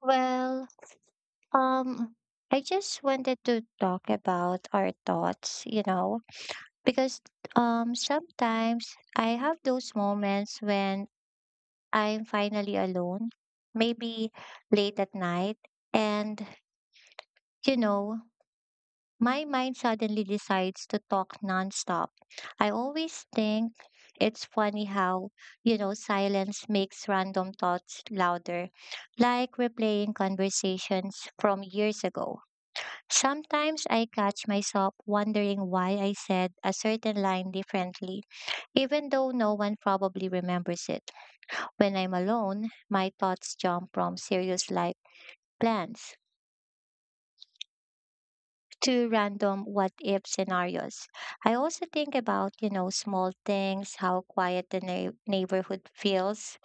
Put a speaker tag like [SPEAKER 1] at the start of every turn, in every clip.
[SPEAKER 1] Well, um, I just wanted to talk about our thoughts, because sometimes I have those moments when I'm finally alone, maybe late at night, and you know, my mind suddenly decides to talk nonstop. I always think it's funny how, silence makes random thoughts louder, like replaying conversations from years ago. Sometimes I catch myself wondering why I said a certain line differently, even though no one probably remembers it. When I'm alone, my thoughts jump from serious life plans to random what if scenarios. I also think about, small things, how quiet the neighborhood feels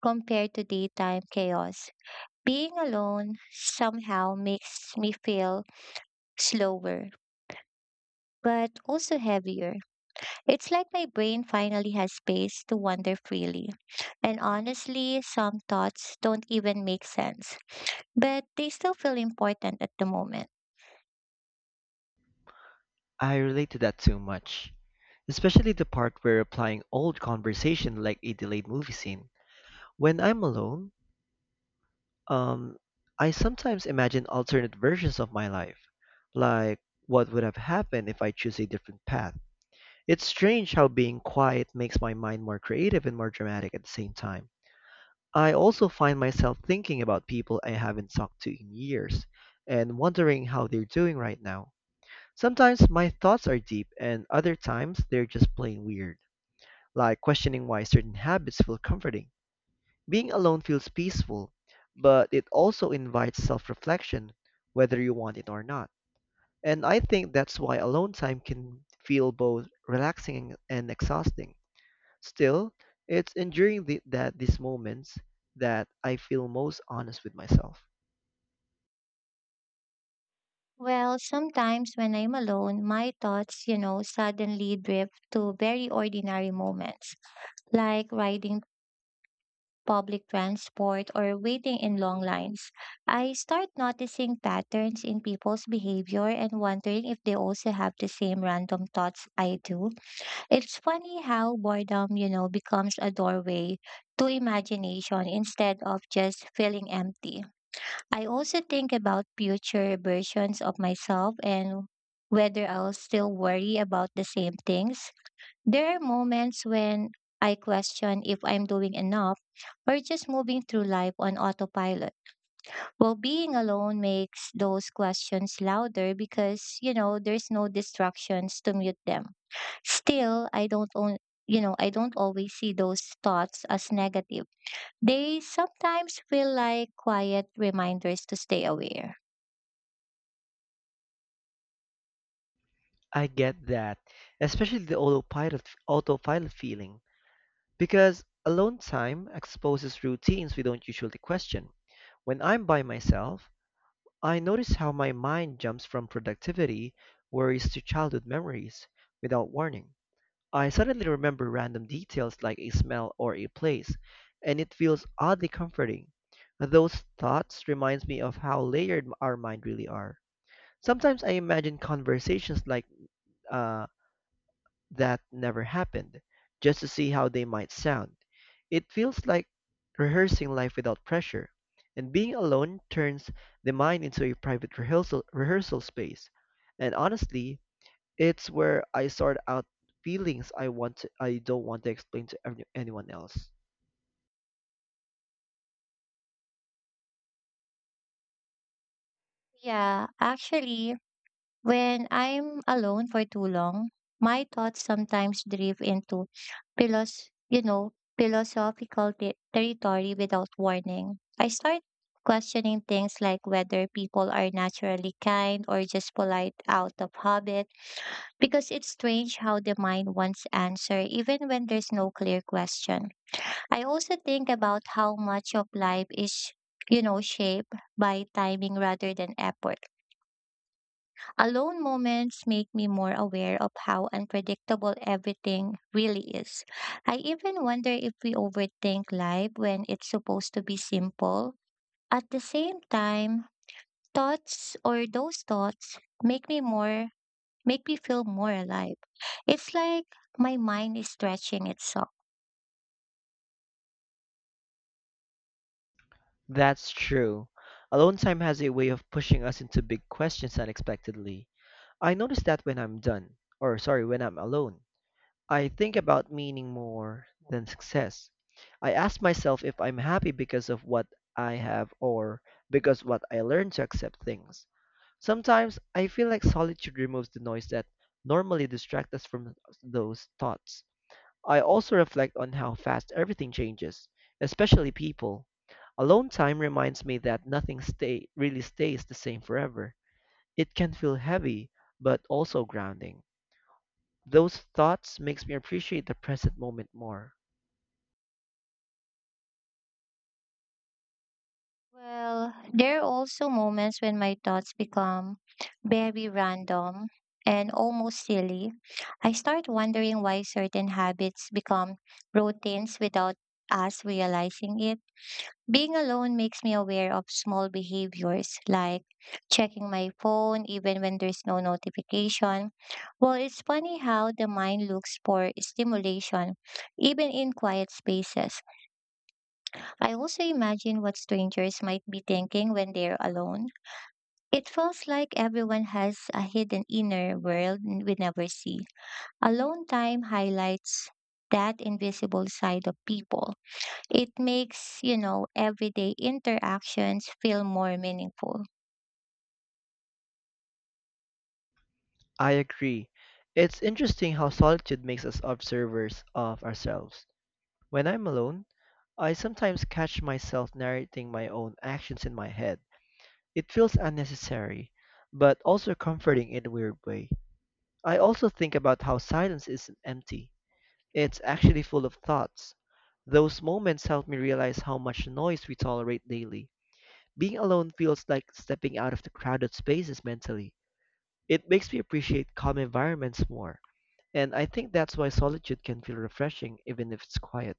[SPEAKER 1] compared to daytime chaos. Being alone somehow makes me feel slower, but also heavier. It's like my brain finally has space to wander freely. And honestly, some thoughts don't even make sense, but they still feel important at the moment.
[SPEAKER 2] I relate to that so much, especially the part where applying old conversation like a delayed movie scene. When I'm alone, um, I sometimes imagine alternate versions of my life, like what would have happened if I choose a different path. It's strange how being quiet makes my mind more creative and more dramatic at the same time. I also find myself thinking about people I haven't talked to in years and wondering how they're doing right now. Sometimes my thoughts are deep, and other times they're just plain weird, like questioning why certain habits feel comforting. Being alone feels peaceful, but it also invites self reflection, whether you want it or not. And I think that's why alone time can feel both relaxing and exhausting. Still, it's enduring that these moments that I feel most honest with myself.
[SPEAKER 1] Well, sometimes when I'm alone, my thoughts, suddenly drift to very ordinary moments, like riding public transport or waiting in long lines. I start noticing patterns in people's behavior and wondering if they also have the same random thoughts I do. It's funny how boredom, becomes a doorway to imagination instead of just feeling empty. I also think about future versions of myself and whether I'll still worry about the same things. There are moments when I question if I'm doing enough or just moving through life on autopilot. Well, being alone makes those questions louder because, there's no distractions to mute them. Still, I don't own, you know, I don't always see those thoughts as negative. They sometimes feel like quiet reminders to stay aware.
[SPEAKER 2] I get that, especially the autopilot feeling, because alone time exposes routines we don't usually question. When I'm by myself, I notice how my mind jumps from productivity worries to childhood memories without warning. I suddenly remember random details like a smell or a place, and it feels oddly comforting. Those thoughts reminds me of how layered our mind really are. Sometimes I imagine conversations like uh, that never happened, just to see how they might sound. It feels like rehearsing life without pressure, and being alone turns the mind into a private rehearsal space. And honestly, it's where I sort out feelings I don't want to explain to anyone else.
[SPEAKER 1] Yeah, actually, when I'm alone for too long, my thoughts sometimes drift into philosophical territory without warning. I start questioning things like whether people are naturally kind or just polite out of habit because it's strange how the mind wants answer even when there's no clear question. I also think about how much of life is shaped by timing rather than effort. Alone moments make me more aware of how unpredictable everything really is. I even wonder if we overthink life when it's supposed to be simple. At the same time, thoughts or those thoughts make me feel more alive. It's like my mind is stretching itself.
[SPEAKER 2] That's true. Alone time has a way of pushing us into big questions unexpectedly. I notice that when I'm done, or sorry, when I'm alone. I think about meaning more than success. I ask myself if I'm happy because of what I have or because what I learned to accept things. Sometimes I feel like solitude removes the noise that normally distracts us from those thoughts. I also reflect on how fast everything changes, especially people. Alone time reminds me that nothing stay really stays the same forever. It can feel heavy, but also grounding. Those thoughts makes me appreciate the present moment more.
[SPEAKER 1] Well, there are also moments when my thoughts become very random and almost silly. I start wondering why certain habits become routines without us realizing it. Being alone makes me aware of small behaviors like checking my phone even when there's no notification. Well, it's funny how the mind looks for stimulation even in quiet spaces. I also imagine what strangers might be thinking when they're alone. It feels like everyone has a hidden inner world we never see. Alone time highlights that invisible side of people. It makes, everyday interactions feel more meaningful.
[SPEAKER 2] I agree. It's interesting how solitude makes us observers of ourselves. When I'm alone, I sometimes catch myself narrating my own actions in my head. It feels unnecessary, but also comforting in a weird way. I also think about how silence isn't empty. It's actually full of thoughts. Those moments help me realize how much noise we tolerate daily. Being alone feels like stepping out of the crowded spaces mentally. It makes me appreciate calm environments more, and I think that's why solitude can feel refreshing even if it's quiet.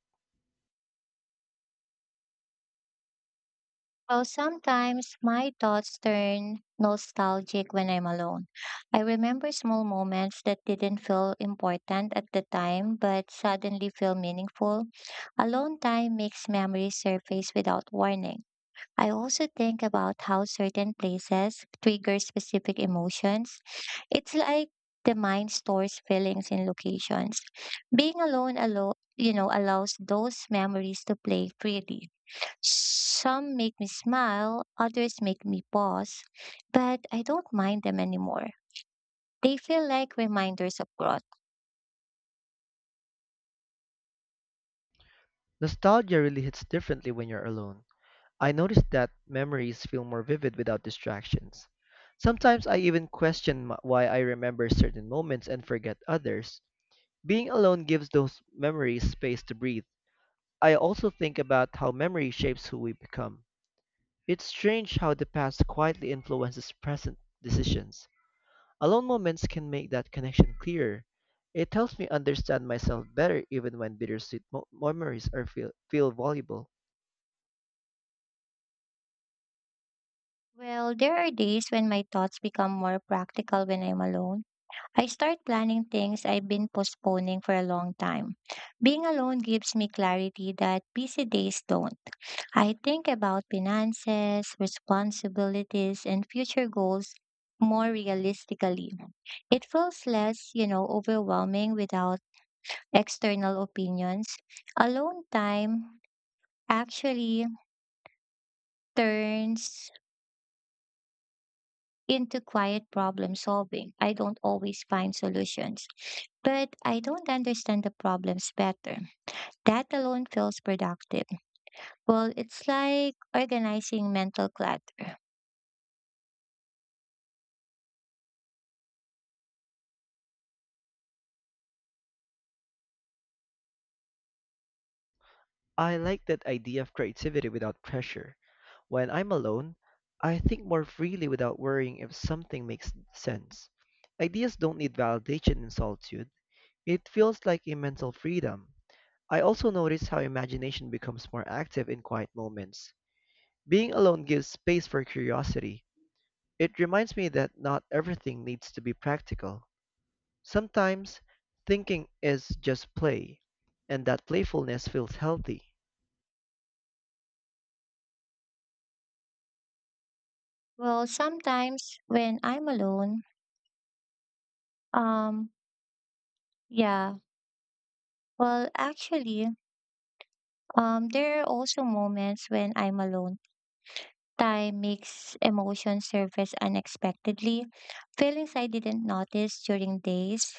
[SPEAKER 1] Well, sometimes my thoughts turn nostalgic when I'm alone. I remember small moments that didn't feel important at the time, but suddenly feel meaningful. Alone time makes memories surface without warning. I also think about how certain places trigger specific emotions. It's like the mind stores feelings in locations. Being alone allows those memories to play freely. Some make me smile, others make me pause, but I don't mind them anymore. They feel like reminders of growth.
[SPEAKER 2] Nostalgia really hits differently when you're alone. I noticed that memories feel more vivid without distractions. Sometimes I even why I remember certain moments and forget others. Being alone gives those memories space to breathe. I also think about how memory shapes who we become. It's strange how the past quietly influences present decisions. Alone moments can make that connection clearer. It helps me understand myself better even when bittersweet memories feel valuable.
[SPEAKER 1] Well, there are days when my thoughts become more practical when I'm alone. I start planning things I've been postponing for a long time. Being alone gives me clarity that busy days don't. I think about finances, responsibilities, and future goals more realistically. It feels less, overwhelming without external opinions, alone time actually turns into quiet problem solving. I don't always find solutions, but I don't understand the problems better. That alone feels productive. Well, it's like organizing mental clutter.
[SPEAKER 2] I like that idea of creativity without pressure. When I'm alone, I think more freely without worrying if something makes sense. Ideas don't need validation in solitude. It feels like a mental freedom. I also notice how imagination becomes more active in quiet moments. Being alone gives space for curiosity. It reminds me that not everything needs to be practical. Sometimes thinking is just play, and that playfulness feels healthy.
[SPEAKER 1] Well, sometimes when I'm alone, um, yeah, well, actually, There are also moments when I'm alone. Time makes emotions surface unexpectedly. Feelings I didn't notice during days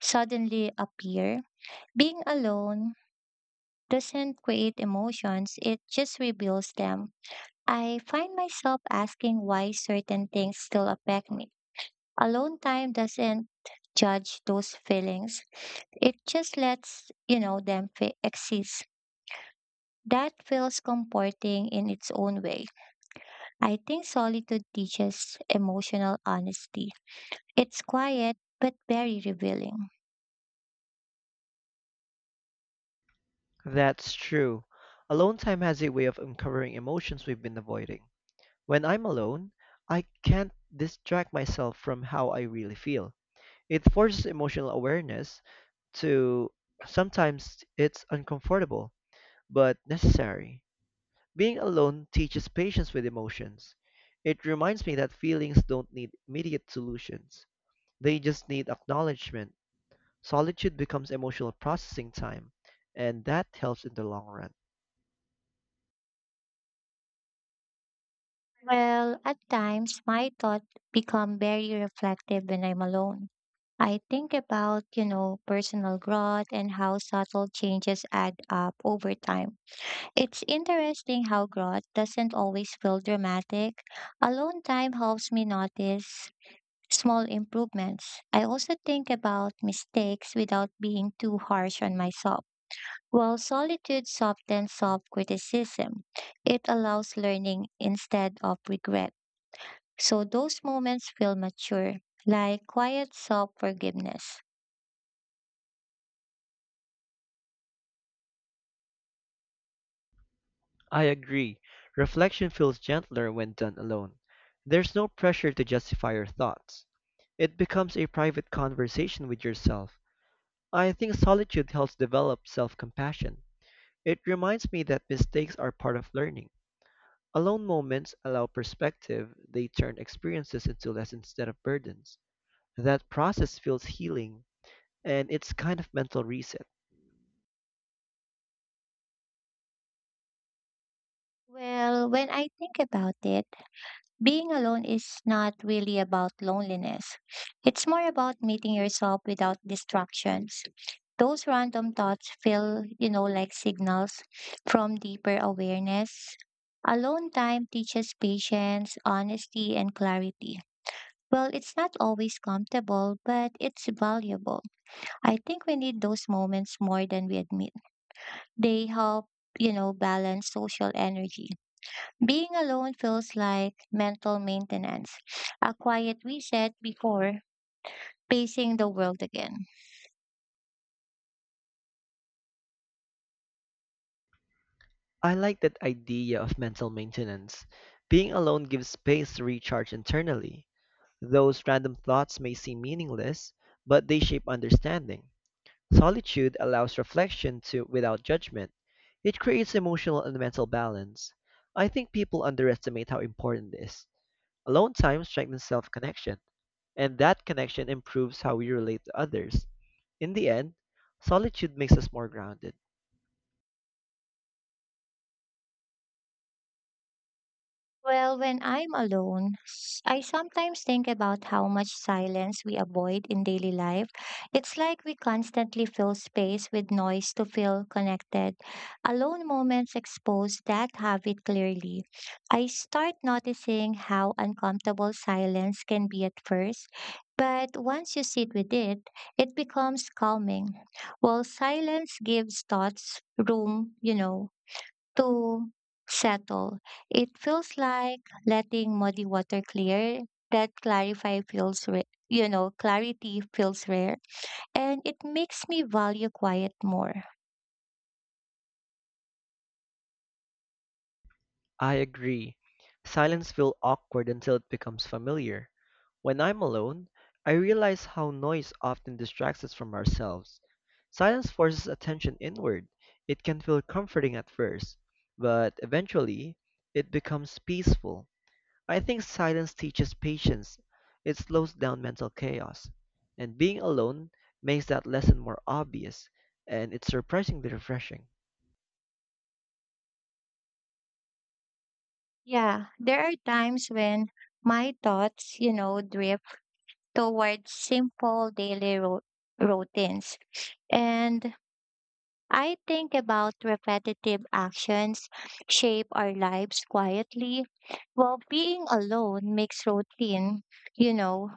[SPEAKER 1] suddenly appear. Being alone doesn't create emotions, it just reveals them. I find myself asking why certain things still affect me. Alone time doesn't judge those feelings, it just lets, them exist. That feels comforting in its own way. I think solitude teaches emotional honesty. It's quiet but very revealing.
[SPEAKER 2] That's true. Alone time has a way of uncovering emotions we've been avoiding. When I'm alone, I can't distract myself from how I really feel. It forces emotional awareness to, sometimes it's uncomfortable, but necessary. Being alone teaches patience with emotions. It reminds me that feelings don't need immediate solutions. They just need acknowledgement. Solitude becomes emotional processing time, and that helps in the long run.
[SPEAKER 1] Well, at times my thoughts become very reflective when I'm alone. I think about, personal growth and how subtle changes add up over time. It's interesting how growth doesn't always feel dramatic. Alone time helps me notice small improvements. I also think about mistakes without being too harsh on myself. While solitude softens self criticism, it allows learning instead of regret. So those moments feel mature, like quiet self forgiveness.
[SPEAKER 2] I agree. Reflection feels gentler when done alone. There's no pressure to justify your thoughts. It becomes a private conversation with yourself. I think solitude helps develop self compassion. It reminds me that mistakes are part of learning. Alone moments allow perspective, they turn experiences into lessons instead of burdens. That process feels healing, and it's kind of mental reset.
[SPEAKER 1] Well, when I think about it, being alone is not really about loneliness. It's more about meeting yourself without distractions. Those random thoughts feel, like signals from deeper awareness. Alone time teaches patience, honesty, and clarity. Well, it's not always comfortable, but it's valuable. I think we need those moments more than we admit. They help, balance social energy. Being alone feels like mental maintenance, a quiet reset before facing the world again.
[SPEAKER 2] I like that idea of mental maintenance. Being alone gives space to recharge internally. Those random thoughts may seem meaningless, but they shape understanding. Solitude allows reflection to without judgment. It creates emotional and mental balance. I think people underestimate how important it is. Alone time strengthens self-connection, and that connection improves how we relate to others. In the end, solitude makes us more grounded.
[SPEAKER 1] Well, when I'm alone, I sometimes think about how much silence we avoid in daily life. It's like we constantly fill space with noise to feel connected. Alone moments expose that habit clearly. I start noticing how uncomfortable silence can be at first, but once you sit with it, it becomes calming. While silence gives thoughts room, to settle. It feels like letting muddy water clear. That clarify feels, ra- you know, Clarity feels rare, and it makes me value quiet more.
[SPEAKER 2] I agree. Silence feels awkward until it becomes familiar. When I'm alone, I realize how noise often distracts us from ourselves. Silence forces attention inward. It can feel comforting at first, but eventually, it becomes peaceful. I think silence teaches patience. It slows down mental chaos. And being alone makes that lesson more obvious, and it's surprisingly refreshing.
[SPEAKER 1] Yeah, there are times when my thoughts, drift towards simple daily routines, and I think about repetitive actions shape our lives quietly. Well, being alone makes routine, you know,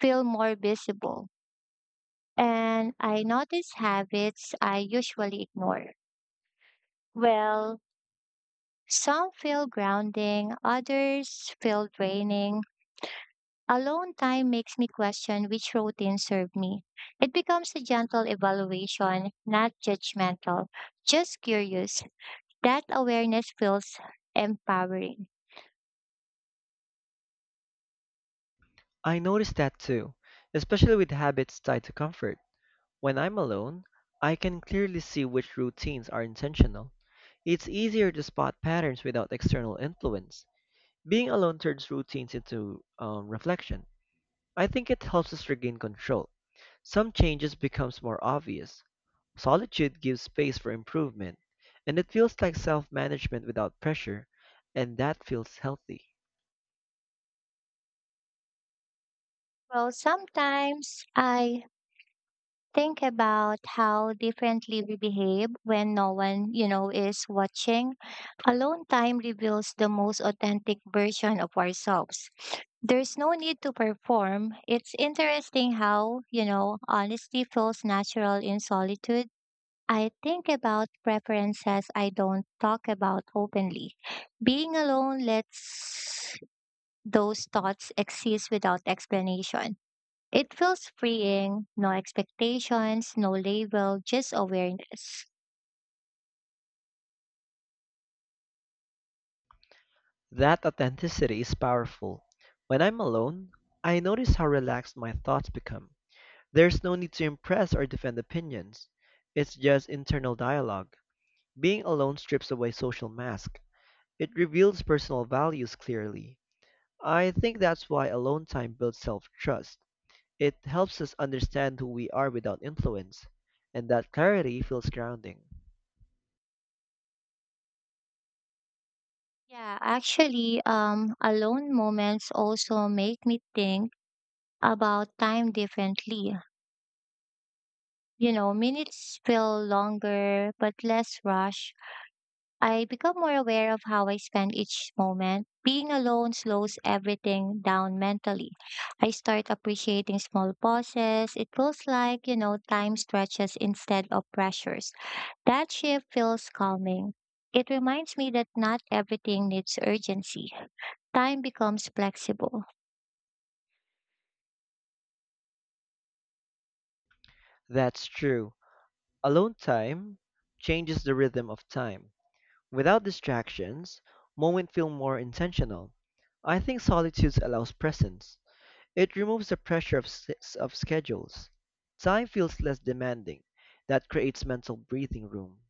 [SPEAKER 1] feel more visible, and I notice habits I usually ignore. Well, some feel grounding, others feel draining. Alone time makes me question which routine served me. It becomes a gentle evaluation, not judgmental, just curious. That awareness feels empowering.
[SPEAKER 2] I noticed that too, especially with habits tied to comfort. When I'm alone, I can clearly see which routines are intentional. It's easier to spot patterns without external influence. Being alone turns routines into reflection. I think it helps us regain control. Some changes becomes more obvious. Solitude gives space for improvement, and it feels like self-management without pressure, and that feels healthy.
[SPEAKER 1] Well, sometimes I think about how differently we behave when no one, is watching. Alone time reveals the most authentic version of ourselves. There's no need to perform. It's interesting how, honesty feels natural in solitude. I think about preferences I don't talk about openly. Being alone lets those thoughts exist without explanation. It feels freeing, no expectations, no label, just awareness.
[SPEAKER 2] That authenticity is powerful. When I'm alone, I notice how relaxed my thoughts become. There's no need to impress or defend opinions. It's just internal dialogue. Being alone strips away social mask. It reveals personal values clearly. I think that's why alone time builds self-trust. It helps us understand who we are without influence, and that clarity feels grounding.
[SPEAKER 1] Yeah, actually, alone moments also make me think about time differently. You know, minutes feel longer but less rush. I become more aware of how I spend each moment. Being alone slows everything down mentally. I start appreciating small pauses. It feels like, time stretches instead of pressures. That shift feels calming. It reminds me that not everything needs urgency. Time becomes flexible.
[SPEAKER 2] That's true. Alone time changes the rhythm of time. Without distractions, moments feel more intentional. I think solitude allows presence. It removes the pressure of schedules. Time feels less demanding. That creates mental breathing room.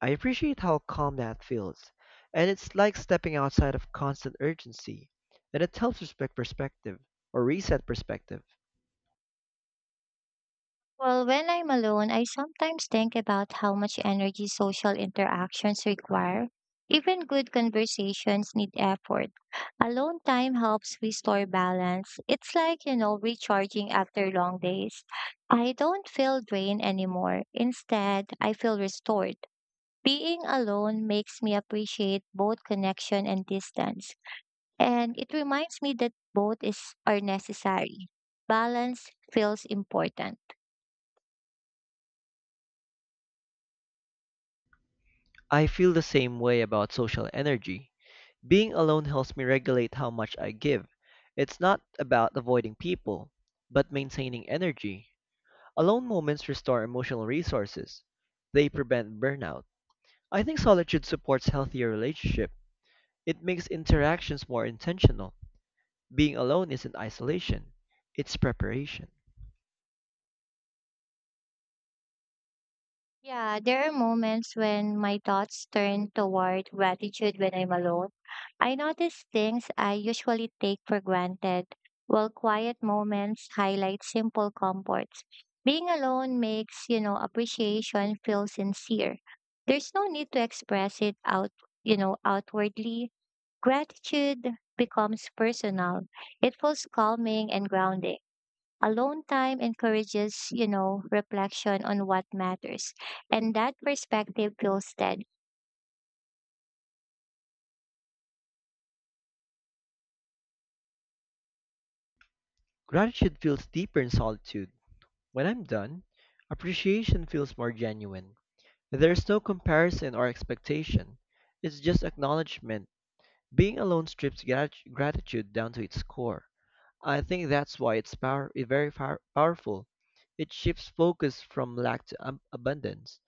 [SPEAKER 2] I appreciate how calm that feels, and it's like stepping outside of constant urgency, and it helps respect perspective or reset perspective.
[SPEAKER 1] Well, when I'm alone, I sometimes think about how much energy social interactions require. Even good conversations need effort. Alone time helps restore balance. It's like, recharging after long days. I don't feel drained anymore. Instead, I feel restored. Being alone makes me appreciate both connection and distance. And it reminds me that both is are necessary. Balance feels important.
[SPEAKER 2] I feel the same way about social energy. Being alone helps me regulate how much I give. It's not about avoiding people, but maintaining energy. Alone moments restore emotional resources. They prevent burnout. I think solitude supports healthier relationships. It makes interactions more intentional. Being alone isn't isolation, it's preparation.
[SPEAKER 1] Yeah, there are moments when my thoughts turn toward gratitude when I'm alone. I notice things I usually take for granted, while quiet moments highlight simple comforts. Being alone makes, appreciation feel sincere. There's no need to express it out, outwardly. Gratitude becomes personal. It feels calming and grounding. Alone time encourages, reflection on what matters. And that perspective feels steady.
[SPEAKER 2] Gratitude feels deeper in solitude. When I'm done, appreciation feels more genuine. There's no comparison or expectation. It's just acknowledgement. Being alone strips gratitude down to its core. I think that's why it's very powerful. It shifts focus from lack to abundance.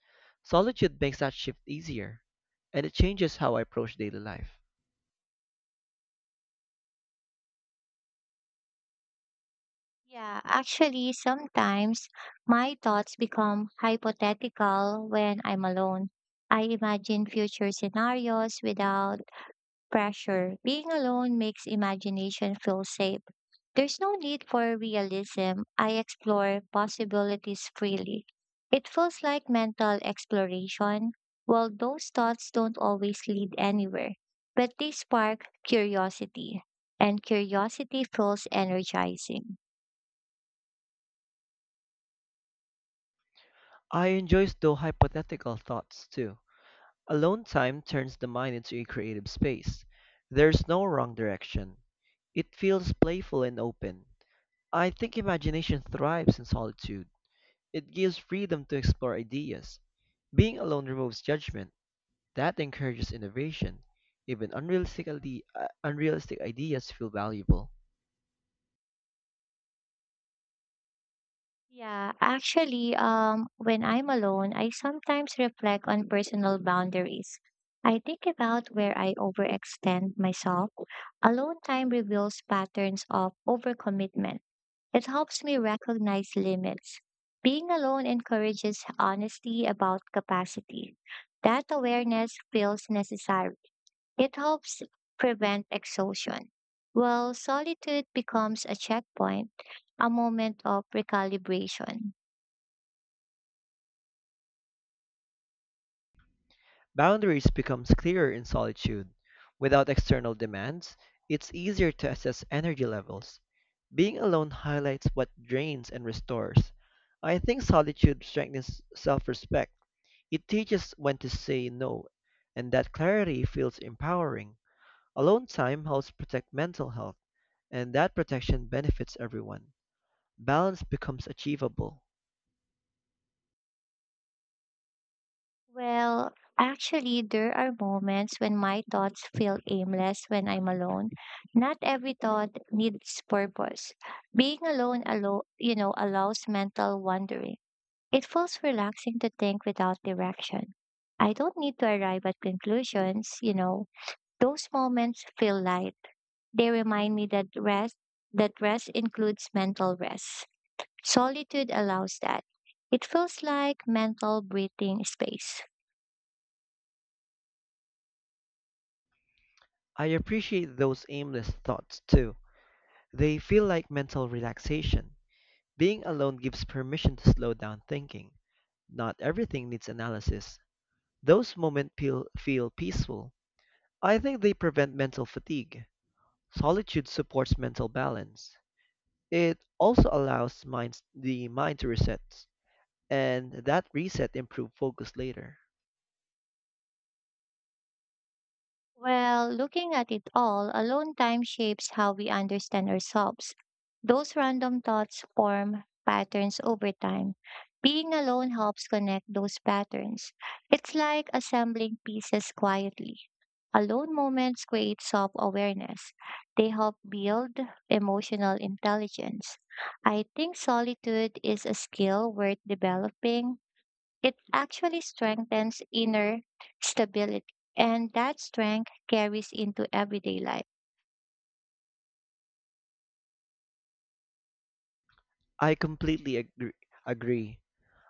[SPEAKER 2] Solitude makes that shift easier, and it changes how I approach daily life.
[SPEAKER 1] Yeah, actually, sometimes my thoughts become hypothetical when I'm alone. I imagine future scenarios without pressure. Being alone makes imagination feel safe. There's no need for realism. I explore possibilities freely. It feels like mental exploration. Well, those thoughts don't always lead anywhere, but they spark curiosity, and curiosity feels energizing.
[SPEAKER 2] I enjoy those hypothetical thoughts too. Alone time turns the mind into a creative space. There's no wrong direction. It feels playful and open. I think imagination thrives in solitude. It gives freedom to explore ideas. Being alone removes judgment. That encourages innovation. Even unrealistic ideas feel valuable.
[SPEAKER 1] Yeah, actually, when I'm alone, I sometimes reflect on personal boundaries. I think about where I overextend myself. Alone time reveals patterns of overcommitment. It helps me recognize limits. Being alone encourages honesty about capacity. That awareness feels necessary. It helps prevent exhaustion. While solitude becomes a checkpoint, a moment of recalibration.
[SPEAKER 2] Boundaries becomes clearer in solitude. Without external demands, it's easier to assess energy levels. Being alone highlights what drains and restores. I think solitude strengthens self-respect. It teaches when to say no, and that clarity feels empowering. Alone time helps protect mental health, and that protection benefits everyone. Balance becomes achievable.
[SPEAKER 1] Well, actually, there are moments when my thoughts feel aimless when I'm alone. Not every thought needs purpose. Being alone, alo- you know, Allows mental wandering. It feels relaxing to think without direction. I don't need to arrive at conclusions, Those moments feel light. They remind me that rest includes mental rest. Solitude allows that. It feels like mental breathing space.
[SPEAKER 2] I appreciate those aimless thoughts too. They feel like mental relaxation. Being alone gives permission to slow down thinking. Not everything needs analysis. Those moments feel peaceful. I think they prevent mental fatigue. Solitude supports mental balance. It also allows the mind to reset, and that reset improves focus later.
[SPEAKER 1] Well, looking at it all, alone time shapes how we understand ourselves. Those random thoughts form patterns over time. Being alone helps connect those patterns. It's like assembling pieces quietly. Alone moments create self awareness, they help build emotional intelligence. I think solitude is a skill worth developing. It actually strengthens inner stability, and that strength carries into everyday life.
[SPEAKER 2] I completely agree.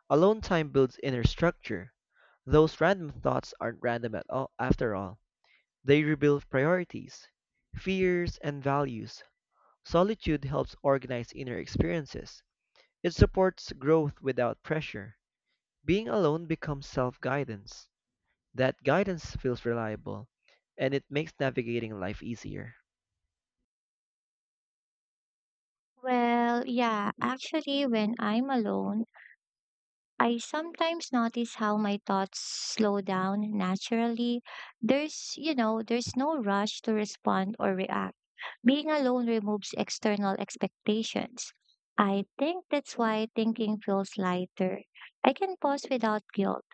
[SPEAKER 2] Alone time builds inner structure. Those random thoughts aren't random at all, after all. They reveal priorities, fears, and values. Solitude helps organize inner experiences. It supports growth without pressure. Being alone becomes self guidance. That guidance feels reliable, and it makes navigating life easier.
[SPEAKER 1] Well, yeah, actually, when I'm alone, I sometimes notice how my thoughts slow down naturally. There's no rush to respond or react. Being alone removes external expectations. I think that's why thinking feels lighter. I can pause without guilt.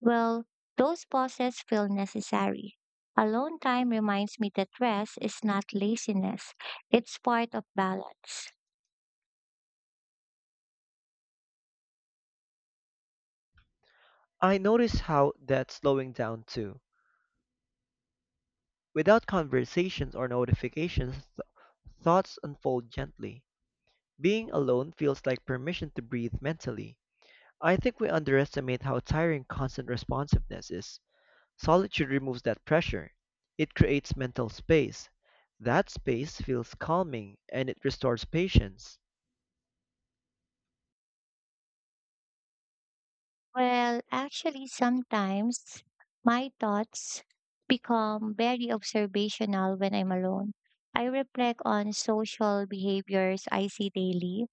[SPEAKER 1] Well, those pauses feel necessary. Alone time reminds me that rest is not laziness, it's part of balance.
[SPEAKER 2] I notice how that's slowing down too. Without conversations or notifications, thoughts unfold gently. Being alone feels like permission to breathe mentally. I think we underestimate how tiring constant responsiveness is. Solitude removes that pressure. It creates mental space. That space feels calming and it restores patience.
[SPEAKER 1] Well, actually, sometimes my thoughts become very observational when I'm alone. I reflect on social behaviors I see daily.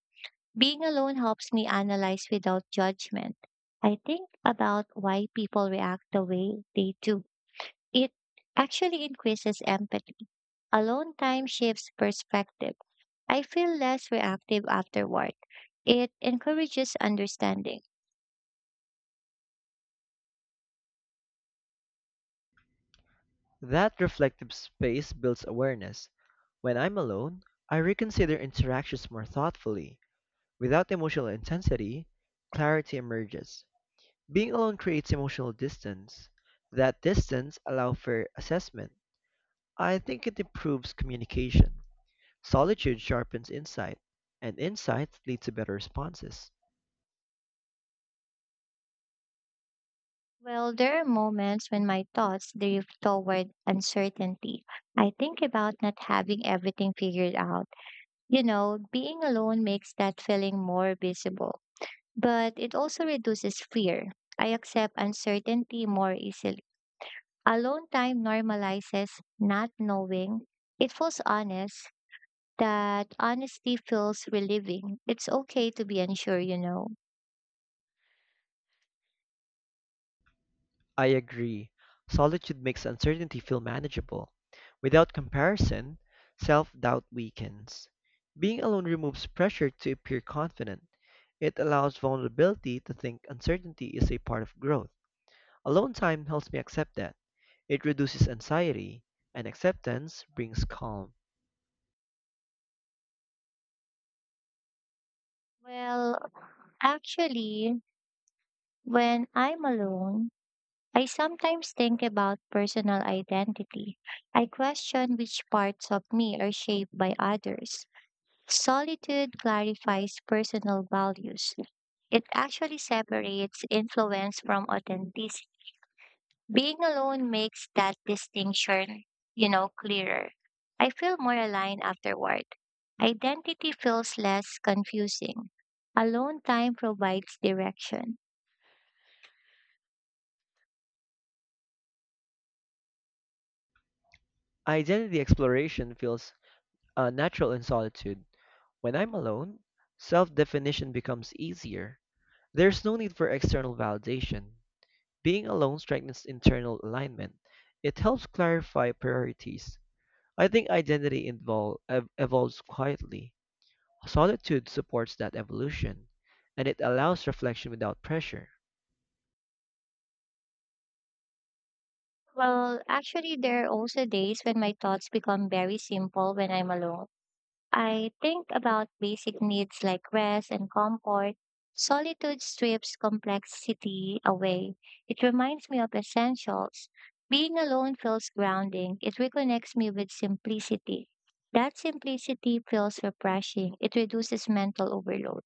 [SPEAKER 1] Being alone helps me analyze without judgment. I think about why people react the way they do. It actually increases empathy. Alone time shifts perspective. I feel less reactive afterward. It encourages understanding.
[SPEAKER 2] That reflective space builds awareness. When I'm alone, I reconsider interactions more thoughtfully. Without emotional intensity, clarity emerges. Being alone creates emotional distance. That distance allows for assessment. I think it improves communication. Solitude sharpens insight, and insight leads to better responses.
[SPEAKER 1] Well, there are moments when my thoughts drift toward uncertainty. I think about not having everything figured out. You know, being alone makes that feeling more visible, but it also reduces fear. I accept uncertainty more easily. Alone time normalizes not knowing. It feels honest. That honesty feels relieving. It's okay to be unsure,
[SPEAKER 2] I agree. Solitude makes uncertainty feel manageable. Without comparison, self doubt weakens. Being alone removes pressure to appear confident. It allows vulnerability to think uncertainty is a part of growth. Alone time helps me accept that. It reduces anxiety, and acceptance brings calm.
[SPEAKER 1] Well, actually, when I'm alone, I sometimes think about personal identity. I question which parts of me are shaped by others. Solitude clarifies personal values. It actually separates influence from authenticity. Being alone makes that distinction, clearer. I feel more aligned afterward. Identity feels less confusing. Alone time provides direction.
[SPEAKER 2] Identity exploration feels natural in solitude. When I'm alone, self definition becomes easier. There's no need for external validation. Being alone strengthens internal alignment. It helps clarify priorities. I think identity evolves quietly. Solitude supports that evolution, and it allows reflection without pressure.
[SPEAKER 1] Well, actually, there are also days when my thoughts become very simple when I'm alone. I think about basic needs like rest and comfort. Solitude strips complexity away. It reminds me of essentials. Being alone feels grounding. It reconnects me with simplicity. That simplicity feels refreshing. It reduces mental overload.